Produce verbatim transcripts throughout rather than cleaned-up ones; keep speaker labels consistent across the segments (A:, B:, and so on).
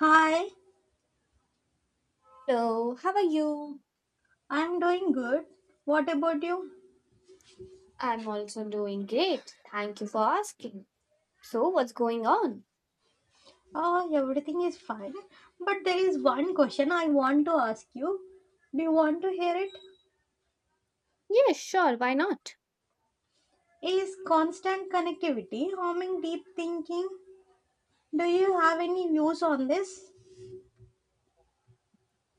A: Hi,
B: Hello, how are you?
A: I'm doing good. What about you?
B: I'm also doing great. Thank you for asking. So, what's going on?
A: Oh, everything is fine. But there is one question I want to ask you. Do you want to hear it?
B: Yes, sure, why not?
A: Is constant connectivity harming deep thinking? Do you have any views on this?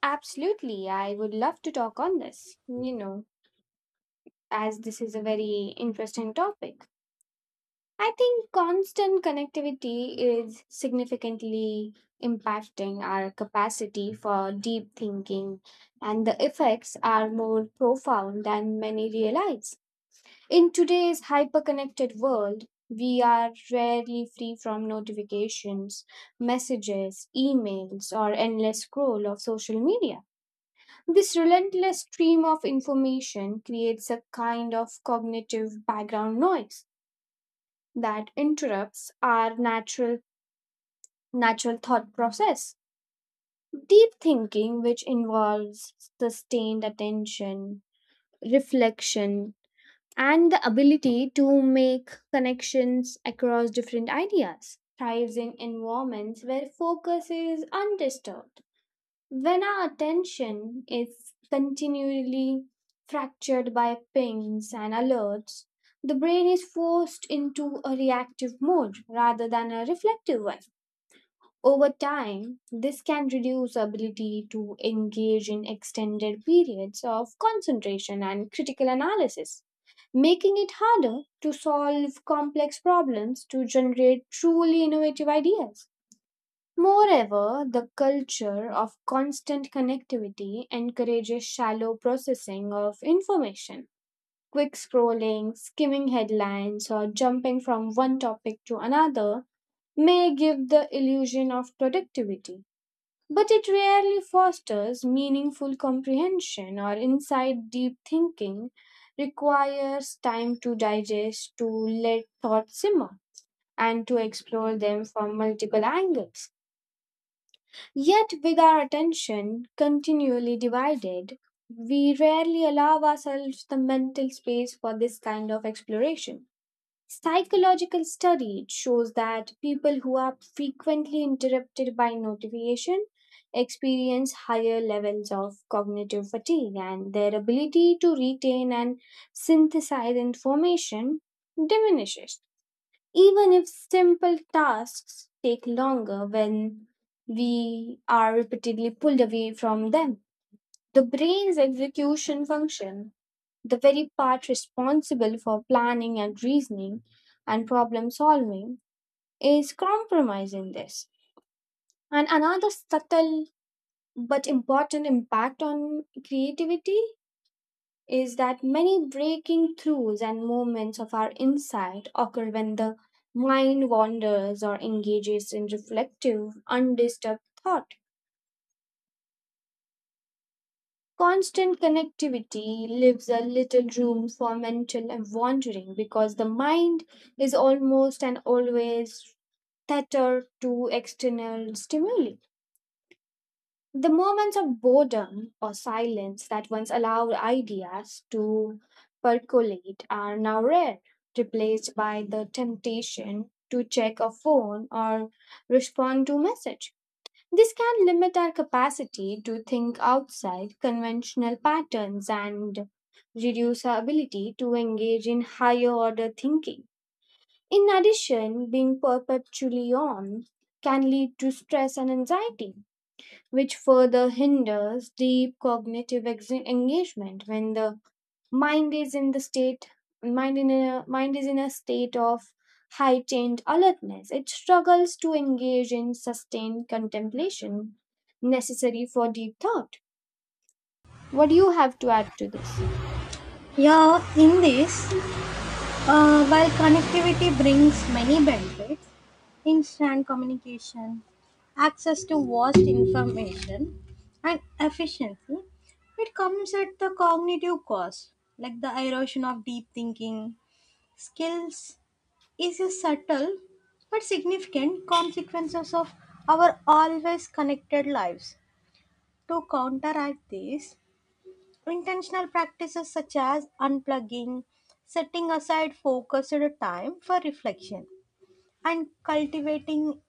B: Absolutely, I would love to talk on this, you know, as this is a very interesting topic. I think constant connectivity is significantly impacting our capacity for deep thinking, and the effects are more profound than many realize. In today's hyperconnected world, we are rarely free from notifications, messages, emails, or endless scroll of social media. This relentless stream of information creates a kind of cognitive background noise that interrupts our natural natural thought process. Deep thinking, which involves sustained attention, reflection, and the ability to make connections across different ideas thrives in environments where focus is undisturbed. When our attention is continually fractured by pings and alerts, the brain is forced into a reactive mode rather than a reflective one. Over time, this can reduce ability to engage in extended periods of concentration and critical analysis, making it harder to solve complex problems to generate truly innovative ideas. Moreover, the culture of constant connectivity encourages shallow processing of information. Quick scrolling, skimming headlines, or jumping from one topic to another may give the illusion of productivity but it rarely fosters meaningful comprehension or insight. Deep thinking requires time to digest, to let thoughts simmer, and to explore them from multiple angles. Yet, with our attention continually divided, we rarely allow ourselves the mental space for this kind of exploration. Psychological study it shows that people who are frequently interrupted by notification experience higher levels of cognitive fatigue and their ability to retain and synthesize information diminishes. Even if simple tasks take longer when we are repeatedly pulled away from them, the brain's execution function, the very part responsible for planning and reasoning and problem solving, is compromised in this. And another subtle but important impact on creativity is that many breaking throughs and moments of our insight occur when the mind wanders or engages in reflective, undisturbed thought. Constant connectivity leaves a little room for mental wandering because the mind is almost and always tethered to external stimuli. The moments of boredom or silence that once allowed ideas to percolate are now rare, replaced by the temptation to check a phone or respond to message. This can limit our capacity to think outside conventional patterns and reduce our ability to engage in higher order thinking. In addition, being perpetually on can lead to stress and anxiety, which further hinders deep cognitive ex- engagement. When the mind is in the state mind in a mind is in a state of heightened alertness, it struggles to engage in sustained contemplation necessary for deep thought. What do you have to add to this?
A: Yeah, in this, Uh, While connectivity brings many benefits, instant communication, access to vast information, and efficiency, it comes at the cognitive cost, like the erosion of deep thinking skills, is a subtle but significant consequences of our always connected lives. To counteract this, intentional practices such as unplugging, setting aside focused time for reflection, and cultivating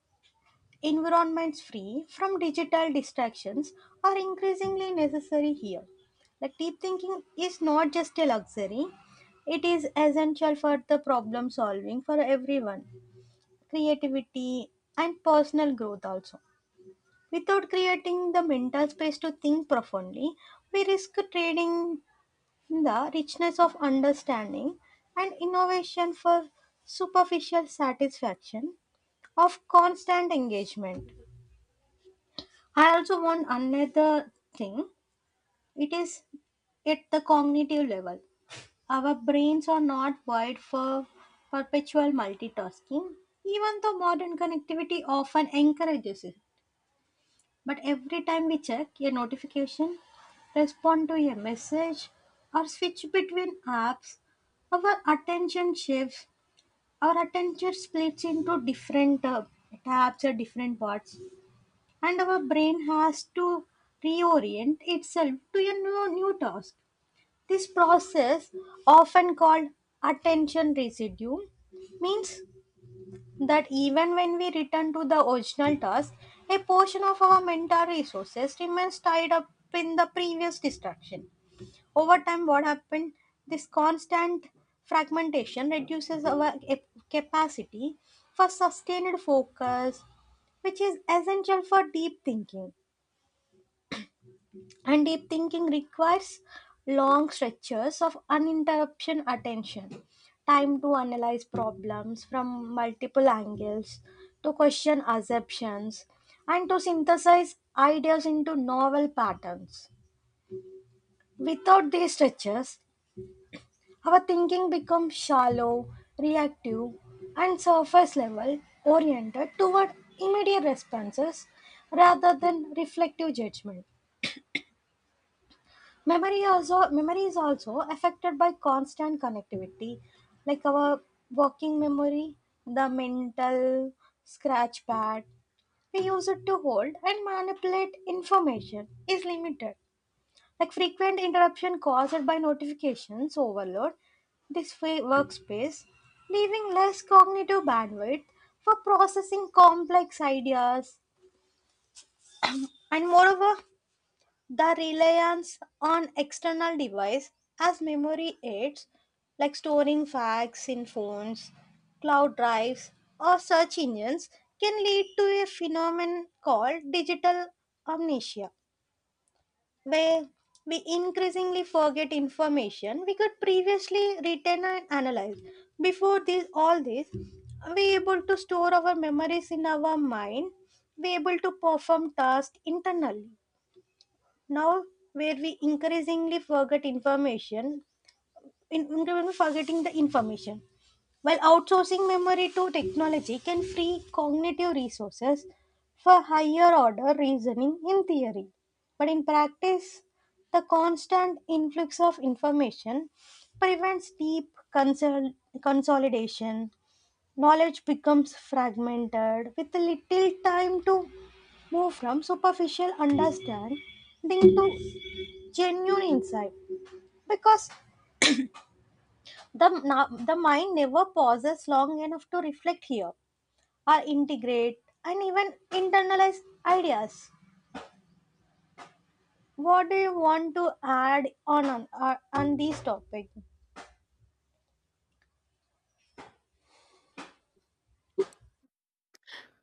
A: environments free from digital distractions are increasingly necessary here. Like deep thinking is not just a luxury, it is essential for the problem solving for everyone, creativity, and personal growth also. Without creating the mental space to think profoundly, we risk trading the richness of understanding and innovation for superficial satisfaction of constant engagement. I also want another thing. It is at the cognitive level. Our brains are not wired for perpetual multitasking, even though modern connectivity often encourages it. But every time we check a notification, respond to a message, or switch between apps, our attention shifts. Our attention splits into different uh, tabs or different parts, and our brain has to reorient itself to a new, new task. This process, often called attention residue, means that even when we return to the original task, a portion of our mental resources remains tied up in the previous distraction. Over time, what happened? This constant fragmentation reduces our cap- capacity for sustained focus, which is essential for deep thinking, and deep thinking requires long stretches of uninterrupted attention, time to analyze problems from multiple angles, to question assumptions, and to synthesize ideas into novel patterns. Without these stretches, our thinking becomes shallow, reactive, and surface level, oriented toward immediate responses rather than reflective judgment. Memory also memory is also affected by constant connectivity, like our working memory, the mental scratch pad we use it to hold and manipulate information, is limited. Like frequent interruption caused by notifications overload this fa- workspace, leaving less cognitive bandwidth for processing complex ideas. And moreover, the reliance on external devices as memory aids, like storing facts in phones, cloud drives, or search engines, can lead to a phenomenon called digital amnesia, where we increasingly forget information we could previously retain and analyze. Before this, all this, we able to store our memories in our mind, we able to perform tasks internally now, where we increasingly forget information, in increasingly forgetting the information while outsourcing memory to technology can free cognitive resources for higher order reasoning in theory, but in practice the constant influx of information prevents deep consol- consolidation. Knowledge becomes fragmented with little time to move from superficial understanding to genuine insight, because the na- the mind never pauses long enough to reflect here or integrate and even internalize ideas. What do you want to add on on, uh, on this topic?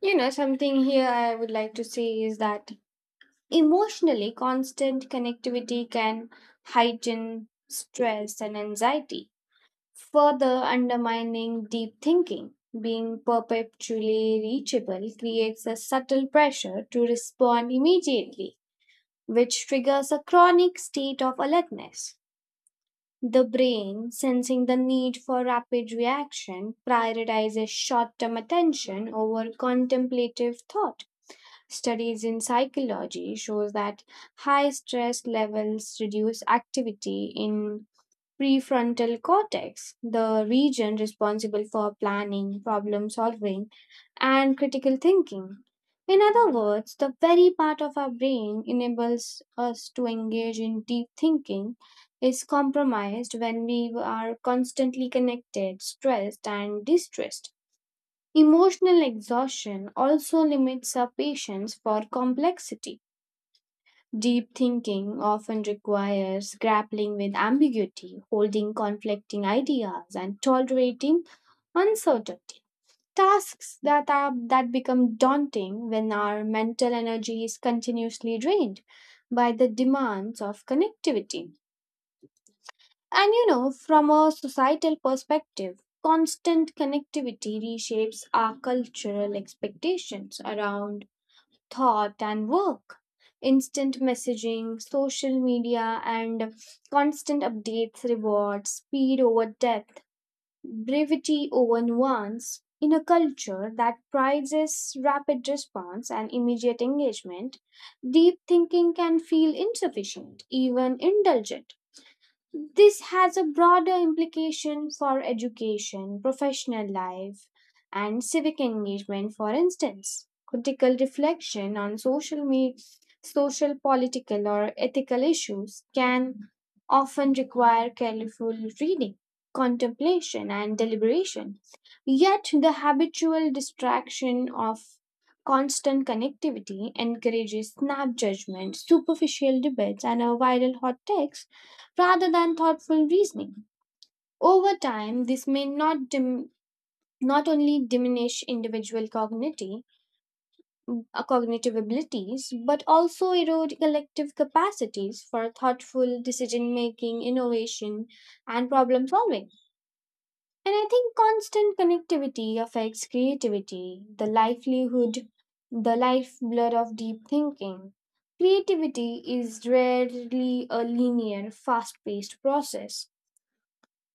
B: You know, something here I would like to say is that emotionally constant connectivity can heighten stress and anxiety, further undermining deep thinking. Being perpetually reachable creates a subtle pressure to respond immediately, which triggers a chronic state of alertness. The brain, sensing the need for rapid reaction, prioritizes short term attention over contemplative thought. Studies in psychology shows that high stress levels reduce activity in prefrontal cortex, the region responsible for planning, problem solving, and critical thinking. In other words, the very part of our brain enables us to engage in deep thinking is compromised when we are constantly connected, stressed, and distressed. Emotional exhaustion also limits our patience for complexity. Deep thinking often requires grappling with ambiguity, holding conflicting ideas, and tolerating uncertainty. Tasks that are that become daunting when our mental energy is continuously drained by the demands of connectivity. And you know, from a societal perspective, constant connectivity reshapes our cultural expectations around thought and work. Instant messaging, social media, and constant updates reward speed over depth, brevity over nuance. In a culture that prizes rapid response and immediate engagement, deep thinking can feel insufficient, even indulgent. This has a broader implication for education, professional life, and civic engagement. For instance, critical reflection on social, media, social, political, or ethical issues can often require careful reading, contemplation, and deliberation. Yet, the habitual distraction of constant connectivity encourages snap judgment, superficial debates, and a viral hot takes rather than thoughtful reasoning. Over time, this may not dim- not only diminish individual cognitive, uh, cognitive abilities, but also erode collective capacities for thoughtful decision making, innovation, and problem solving. And I think constant connectivity affects creativity, the livelihood, the lifeblood of deep thinking. Creativity is rarely a linear, fast paced process.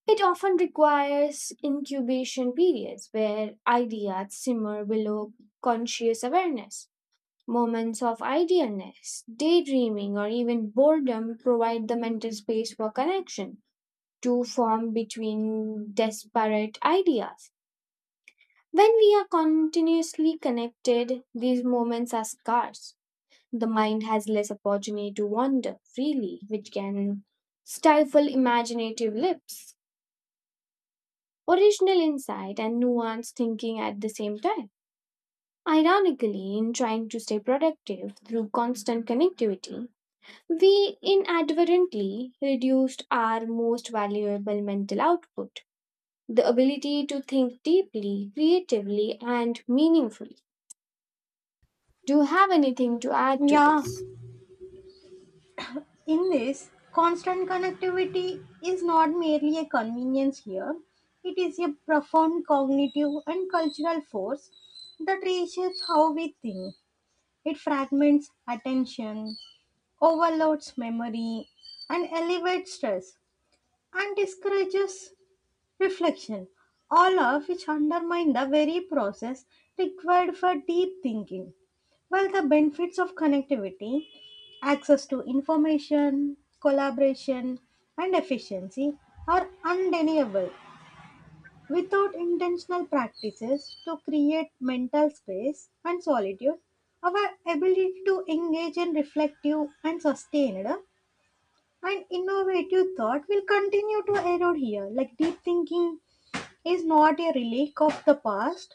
B: It often requires incubation periods where ideas simmer below conscious awareness. Moments of idealness, daydreaming, or even boredom provide the mental space for connection to form between disparate ideas. When we are continuously connected, these moments are scarce. The mind has less opportunity to wander freely, which can stifle imaginative lips, original insight and nuanced thinking at the same time. Ironically, in trying to stay productive through constant connectivity, we inadvertently reduced our most valuable mental output, the ability to think deeply, creatively, and meaningfully. Do you have anything to add to
A: Yeah,
B: this?
A: in this, constant connectivity is not merely a convenience here, it is a profound cognitive and cultural force that reshapes how we think. It fragments attention, overloads memory, and elevates stress, and discourages reflection, all of which undermine the very process required for deep thinking. While the benefits of connectivity, access to information, collaboration, and efficiency are undeniable. Without intentional practices to create mental space and solitude, our ability to engage in reflective and sustained and innovative thought will continue to erode here. Like deep thinking is not a relic of the past,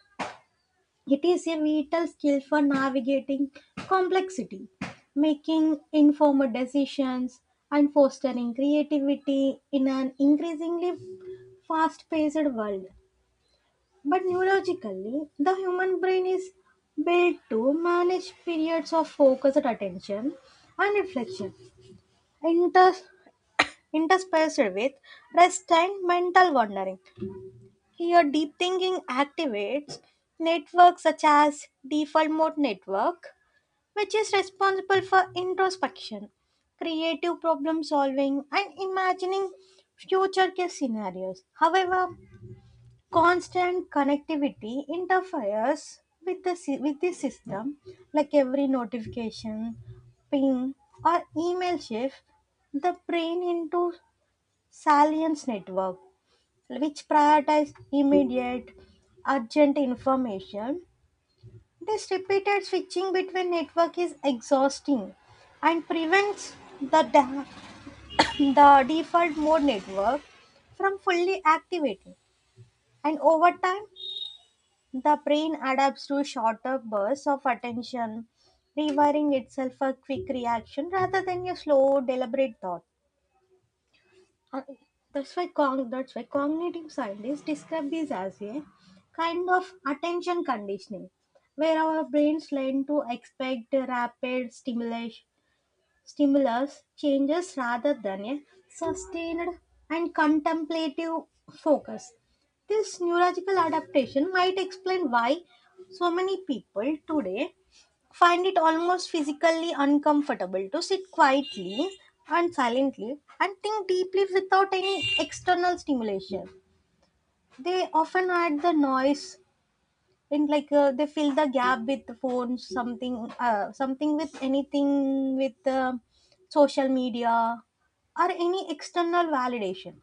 A: it is a vital skill for navigating complexity, making informed decisions, and fostering creativity in an increasingly fast paced world. But neurologically, the human brain is built to manage periods of focused attention and reflection, Inter- interspaced with rest and mental wandering. Your deep thinking activates networks such as default mode network, which is responsible for introspection, creative problem solving, and imagining future case scenarios. However, constant connectivity interferes with the sy- with this system, like every notification, ping, or email shift the brain into salience network, which prioritize immediate, urgent information. This repeated switching between network is exhausting and prevents the, da- the default mode network from fully activating. And over time, the brain adapts to shorter bursts of attention, rewiring itself for quick reaction rather than a slow, deliberate thought. Uh, that's why cog- that's why cognitive scientists describe this as a kind of attention conditioning, where our brains learn to expect rapid stimulus stimulus changes rather than a sustained and contemplative focus. This neurological adaptation might explain why so many people today find it almost physically uncomfortable to sit quietly and silently and think deeply without any external stimulation. They often add the noise, and like uh, they fill the gap with the phones, something, uh, something with anything with uh, social media or any external validation.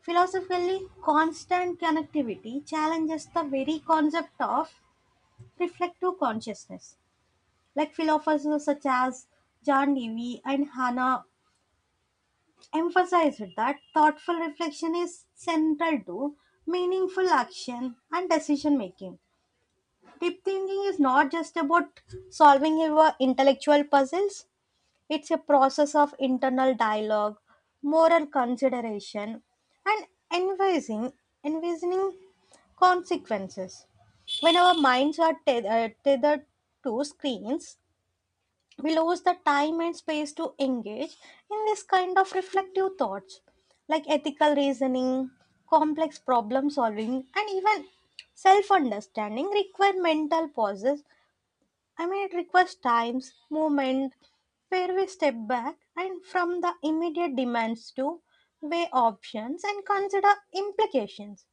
A: Philosophically, constant connectivity challenges the very concept of reflective consciousness. Like philosophers such as John Dewey and Hannah emphasized that thoughtful reflection is central to meaningful action and decision making. Deep thinking is not just about solving your intellectual puzzles, it's a process of internal dialogue, moral consideration, and envisaging, envisioning consequences. When our minds are teth- uh, tethered to screens, we lose the time and space to engage in this kind of reflective thoughts, like ethical reasoning, complex problem solving, and even self understanding, require mental pauses. I mean, it requires times movement where we step back and from the immediate demands to weigh options and consider implications.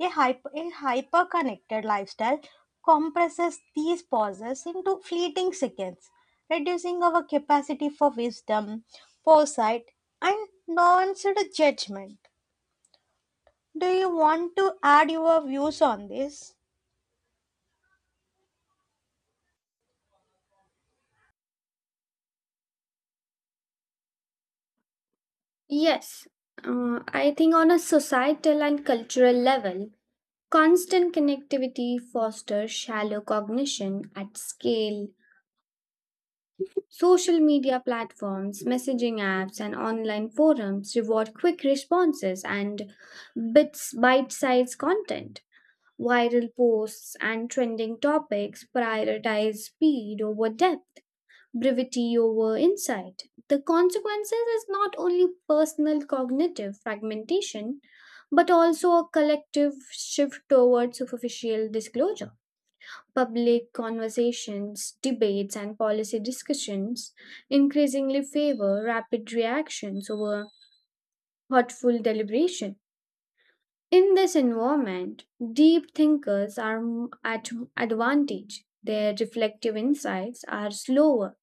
A: A hyper, a hyper-connected lifestyle compresses these pauses into fleeting seconds, reducing our capacity for wisdom, foresight, and nuanced judgment. Do you want to add your views on this?
B: Yes, uh, I think on a societal and cultural level, constant connectivity fosters shallow cognition at scale. Social media platforms, messaging apps, and online forums reward quick responses and bits bite sized content. Viral posts and trending topics prioritize speed over depth, brevity over insight. The consequences is not only personal cognitive fragmentation, but also a collective shift towards superficial disclosure. Public conversations, debates, and policy discussions increasingly favor rapid reactions over thoughtful deliberation. In this environment, deep thinkers are m- at advantage. Their reflective insights are slower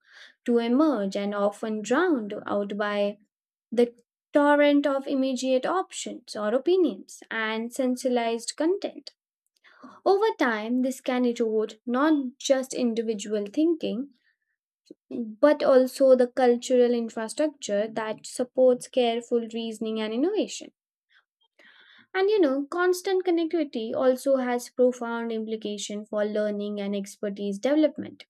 B: to emerge and often drowned out by the torrent of immediate options or opinions and sensationalized content. Over time, this can erode not just individual thinking but also the cultural infrastructure that supports careful reasoning and innovation. And you know, constant connectivity also has profound implication for learning and expertise development.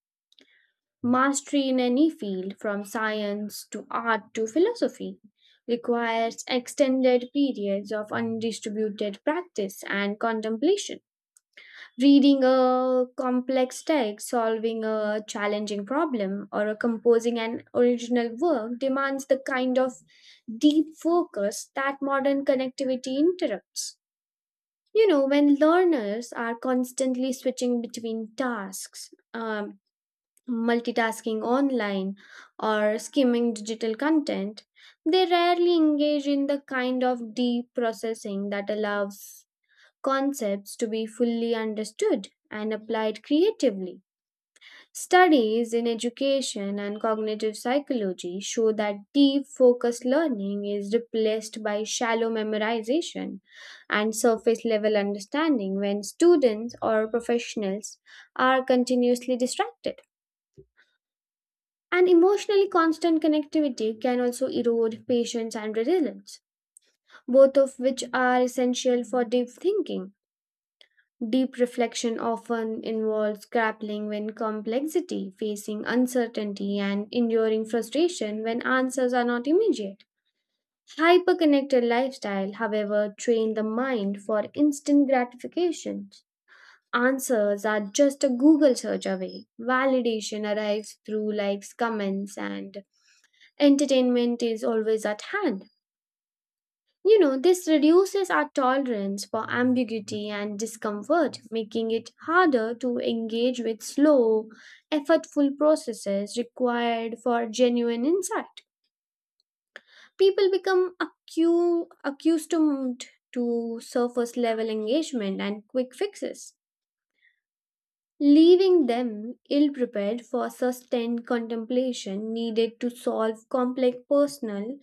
B: Mastery in any field, from science to art to philosophy, requires extended periods of undistributed practice and contemplation. Reading a complex text, solving a challenging problem, or a composing an original work demands the kind of deep focus that modern connectivity interrupts. You know, when learners are constantly switching between tasks, um, multitasking online, or skimming digital content, they rarely engage in the kind of deep processing that allows concepts to be fully understood and applied creatively. Studies in education and cognitive psychology show that deep focused learning is replaced by shallow memorization and surface level understanding when students or professionals are continuously distracted. And emotionally constant connectivity can also erode patience and resilience, both of which are essential for deep thinking. Deep reflection often involves grappling with complexity, facing uncertainty, and enduring frustration when answers are not immediate. Hyperconnected lifestyle, however, train the mind for instant gratifications. Answers are just a Google search away. Validation arrives through likes, comments, and entertainment is always at hand. You know, this reduces our tolerance for ambiguity and discomfort, making it harder to engage with slow, effortful processes required for genuine insight. People become accu- accustomed to surface level engagement and quick fixes, leaving them ill prepared for sustained contemplation needed to solve complex personal,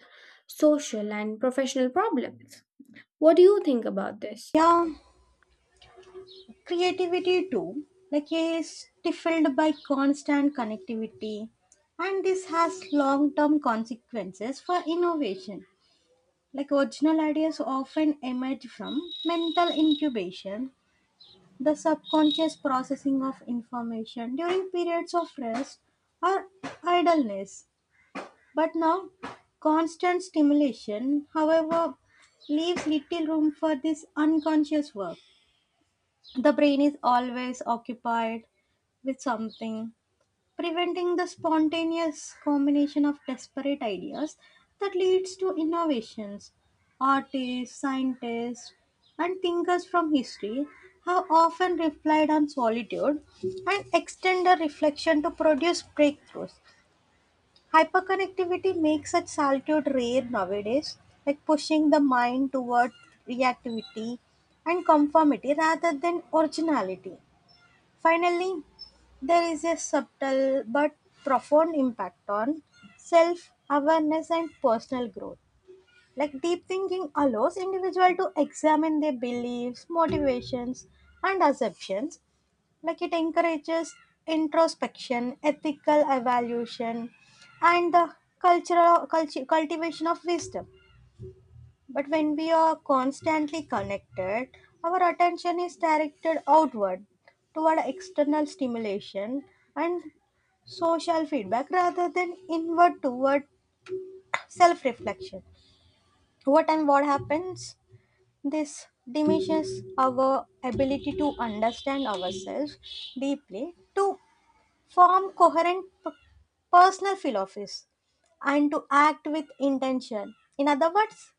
B: social, and professional problems. What do you think about this?
A: Yeah, creativity too. Like is stifled by constant connectivity, and this has long-term consequences for innovation. Like original ideas often emerge from mental incubation, the subconscious processing of information during periods of rest or idleness. But now, constant stimulation, however, leaves little room for this unconscious work. The brain is always occupied with something, preventing the spontaneous combination of desperate ideas that leads to innovations. Artists, scientists, and thinkers from history have often relied on solitude and extended reflection to produce breakthroughs. Hyperconnectivity makes such solitude rare nowadays, like pushing the mind toward reactivity and conformity rather than originality. Finally, there is a subtle but profound impact on self awareness and personal growth. Like deep thinking allows individual to examine their beliefs, motivations, and assumptions. Like it encourages introspection, ethical evaluation, and the cultural culti- cultivation of wisdom. But when we are constantly connected, our attention is directed outward toward external stimulation and social feedback rather than inward toward self reflection. Over time, what happens? This diminishes our ability to understand ourselves deeply, to form coherent p- personal philosophies, and to act with intention. In other words,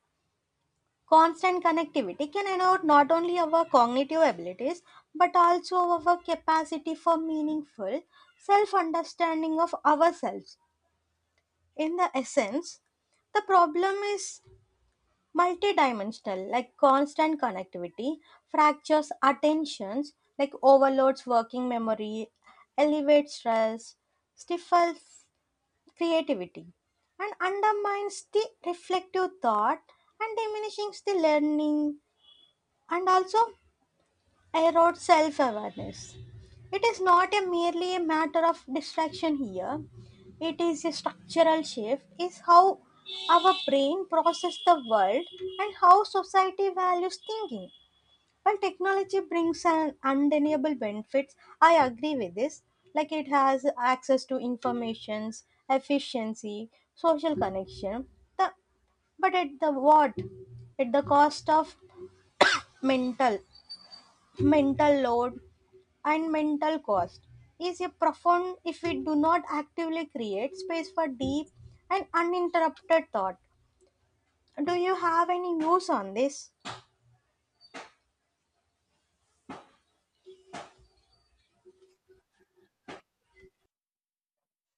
A: constant connectivity can denote not only our cognitive abilities but also our capacity for meaningful self understanding of ourselves. In the essence, the problem is multidimensional, like constant connectivity fractures attentions, like overloads working memory, elevates stress, stifles creativity, and undermines the reflective thought, and diminishing the learning, and also erode self awareness. It is not a merely a matter of distraction here, it is a structural shift, is how our brain processes the world and how society values thinking. While technology brings an undeniable benefits, I agree with this. Like it has access to informations, efficiency, social connection. The but at the what At the cost of mental mental load and mental cost is a profound if we do not actively create space for deep and uninterrupted thought. Do you have any views on this?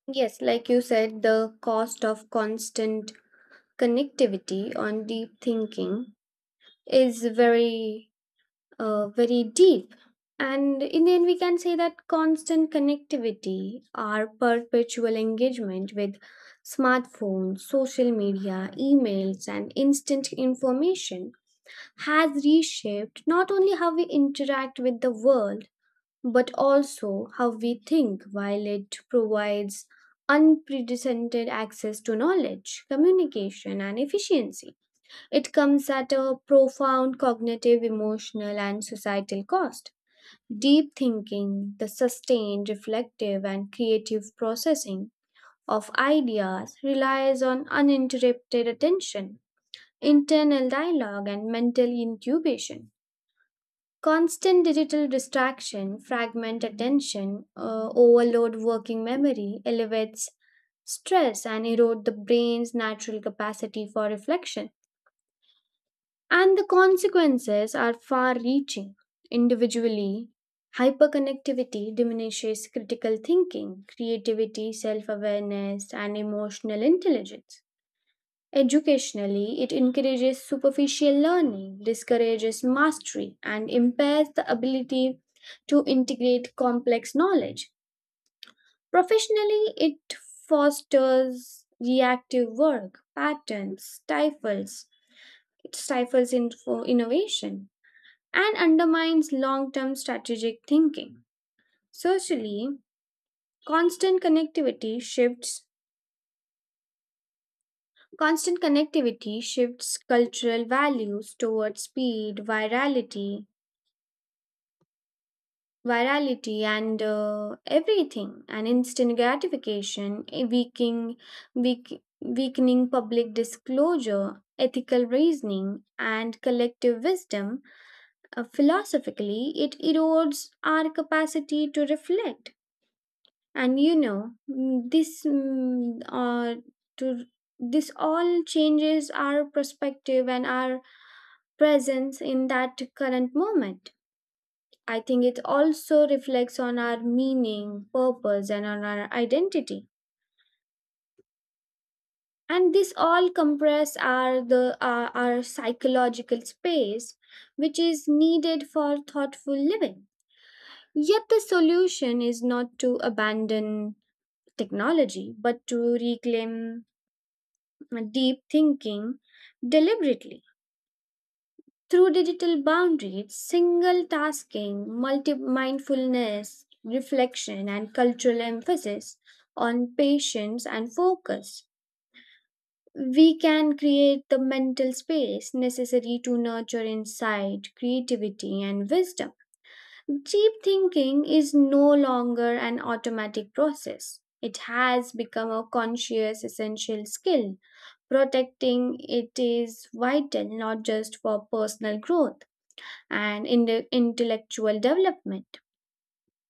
B: Yes, like you said, the cost of constant connectivity on deep thinking is very, uh, very deep. And in the end, we can say that constant connectivity, our perpetual engagement with smartphones, social media, emails, and instant information has reshaped not only how we interact with the world but also how we think, while it provides unprecedented access to knowledge, communication, and efficiency. It comes at a profound cognitive, emotional, and societal cost. Deep thinking, the sustained, reflective, and creative processing of ideas relies on uninterrupted attention, internal dialogue, and mental incubation. Constant digital distraction, fragment attention, uh, overload working memory, elevates stress and erode the brain's natural capacity for reflection. And the consequences are far reaching. Individually, hyperconnectivity diminishes critical thinking, creativity, self awareness, and emotional intelligence. Educationally, it encourages superficial learning, discourages mastery, and impairs the ability to integrate complex knowledge. Professionally, it fosters reactive work patterns, stifles it stifles info innovation, and undermines long-term strategic thinking. Socially, constant connectivity shifts Constant connectivity shifts cultural values towards speed, virality, virality and uh, everything and instant gratification, a weakening weak, weakening public disclosure, ethical reasoning and collective wisdom. Uh, philosophically, it erodes our capacity to reflect and you know mm, this mm, uh, to this all changes our perspective and our presence in that current moment. I think it also reflects on our meaning, purpose, and on our identity. And this all compress our the our, our psychological space, which is needed for thoughtful living. Yet the solution is not to abandon technology, but to reclaim deep thinking deliberately. Through digital boundaries, single tasking, multi mindfulness, reflection, and cultural emphasis on patience and focus, we can create the mental space necessary to nurture insight, creativity, and wisdom. Deep thinking is no longer an automatic process. It has become a conscious essential skill. Protecting it is vital not just for personal growth and in- intellectual development,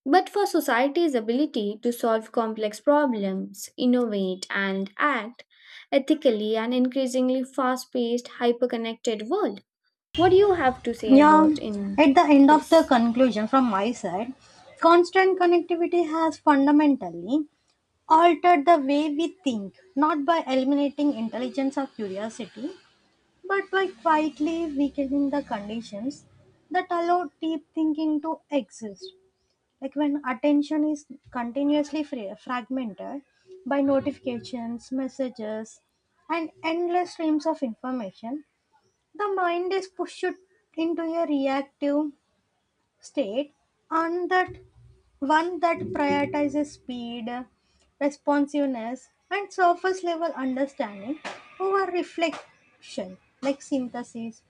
B: but for society's ability to solve complex problems, innovate, and act ethically and increasingly fast paced, hyper connected world. What do you have to say
A: Yeah,
B: about in
A: at the end of the
B: this?
A: conclusion from my side, constant connectivity has fundamentally altered the way we think, not by eliminating intelligence or curiosity, but by quietly weakening the conditions that allow deep thinking to exist. Like when attention is continuously fra- fragmented by notifications, messages, and endless streams of information, the mind is pushed into a reactive state, and that one that prioritizes speed, responsiveness, and surface level understanding over reflection, like synthesis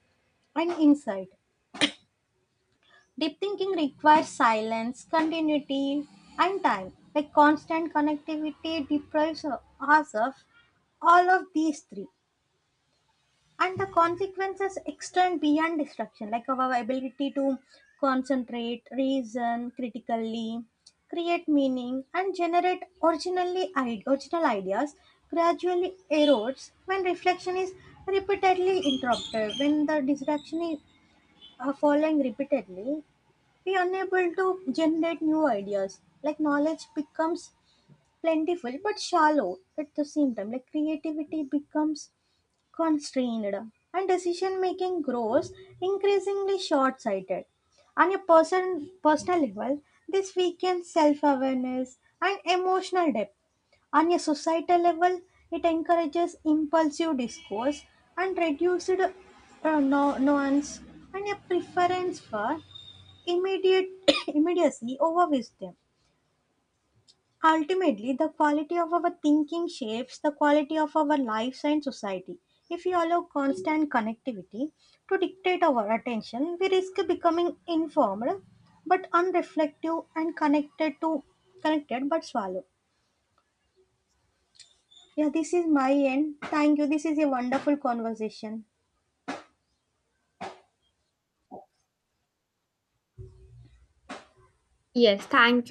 A: and insight. Deep thinking requires silence, continuity, and time. Like constant connectivity deprives us of all of these three. And the consequences extend beyond distraction, like our ability to concentrate, reason critically, create meaning, and generate originally ide- original ideas gradually erodes when reflection is repeatedly interrupted, when the distraction is uh, following repeatedly be unable to generate new ideas. Like knowledge becomes plentiful but shallow at the same time. Like creativity becomes constrained and decision making grows increasingly short sighted. On a person personal level, this weakens self awareness and emotional depth. On a societal level, it encourages impulsive discourse and reduced uh, nu- nuance and a preference for immediate immediacy over wisdom. Ultimately, the quality of our thinking shapes the quality of our lives and society. If we allow constant connectivity to dictate our attention, we risk becoming informed but unreflective, and connected to connected but swallow. Yeah, this is my end. Thank you. This is a wonderful conversation.
B: Yes, thank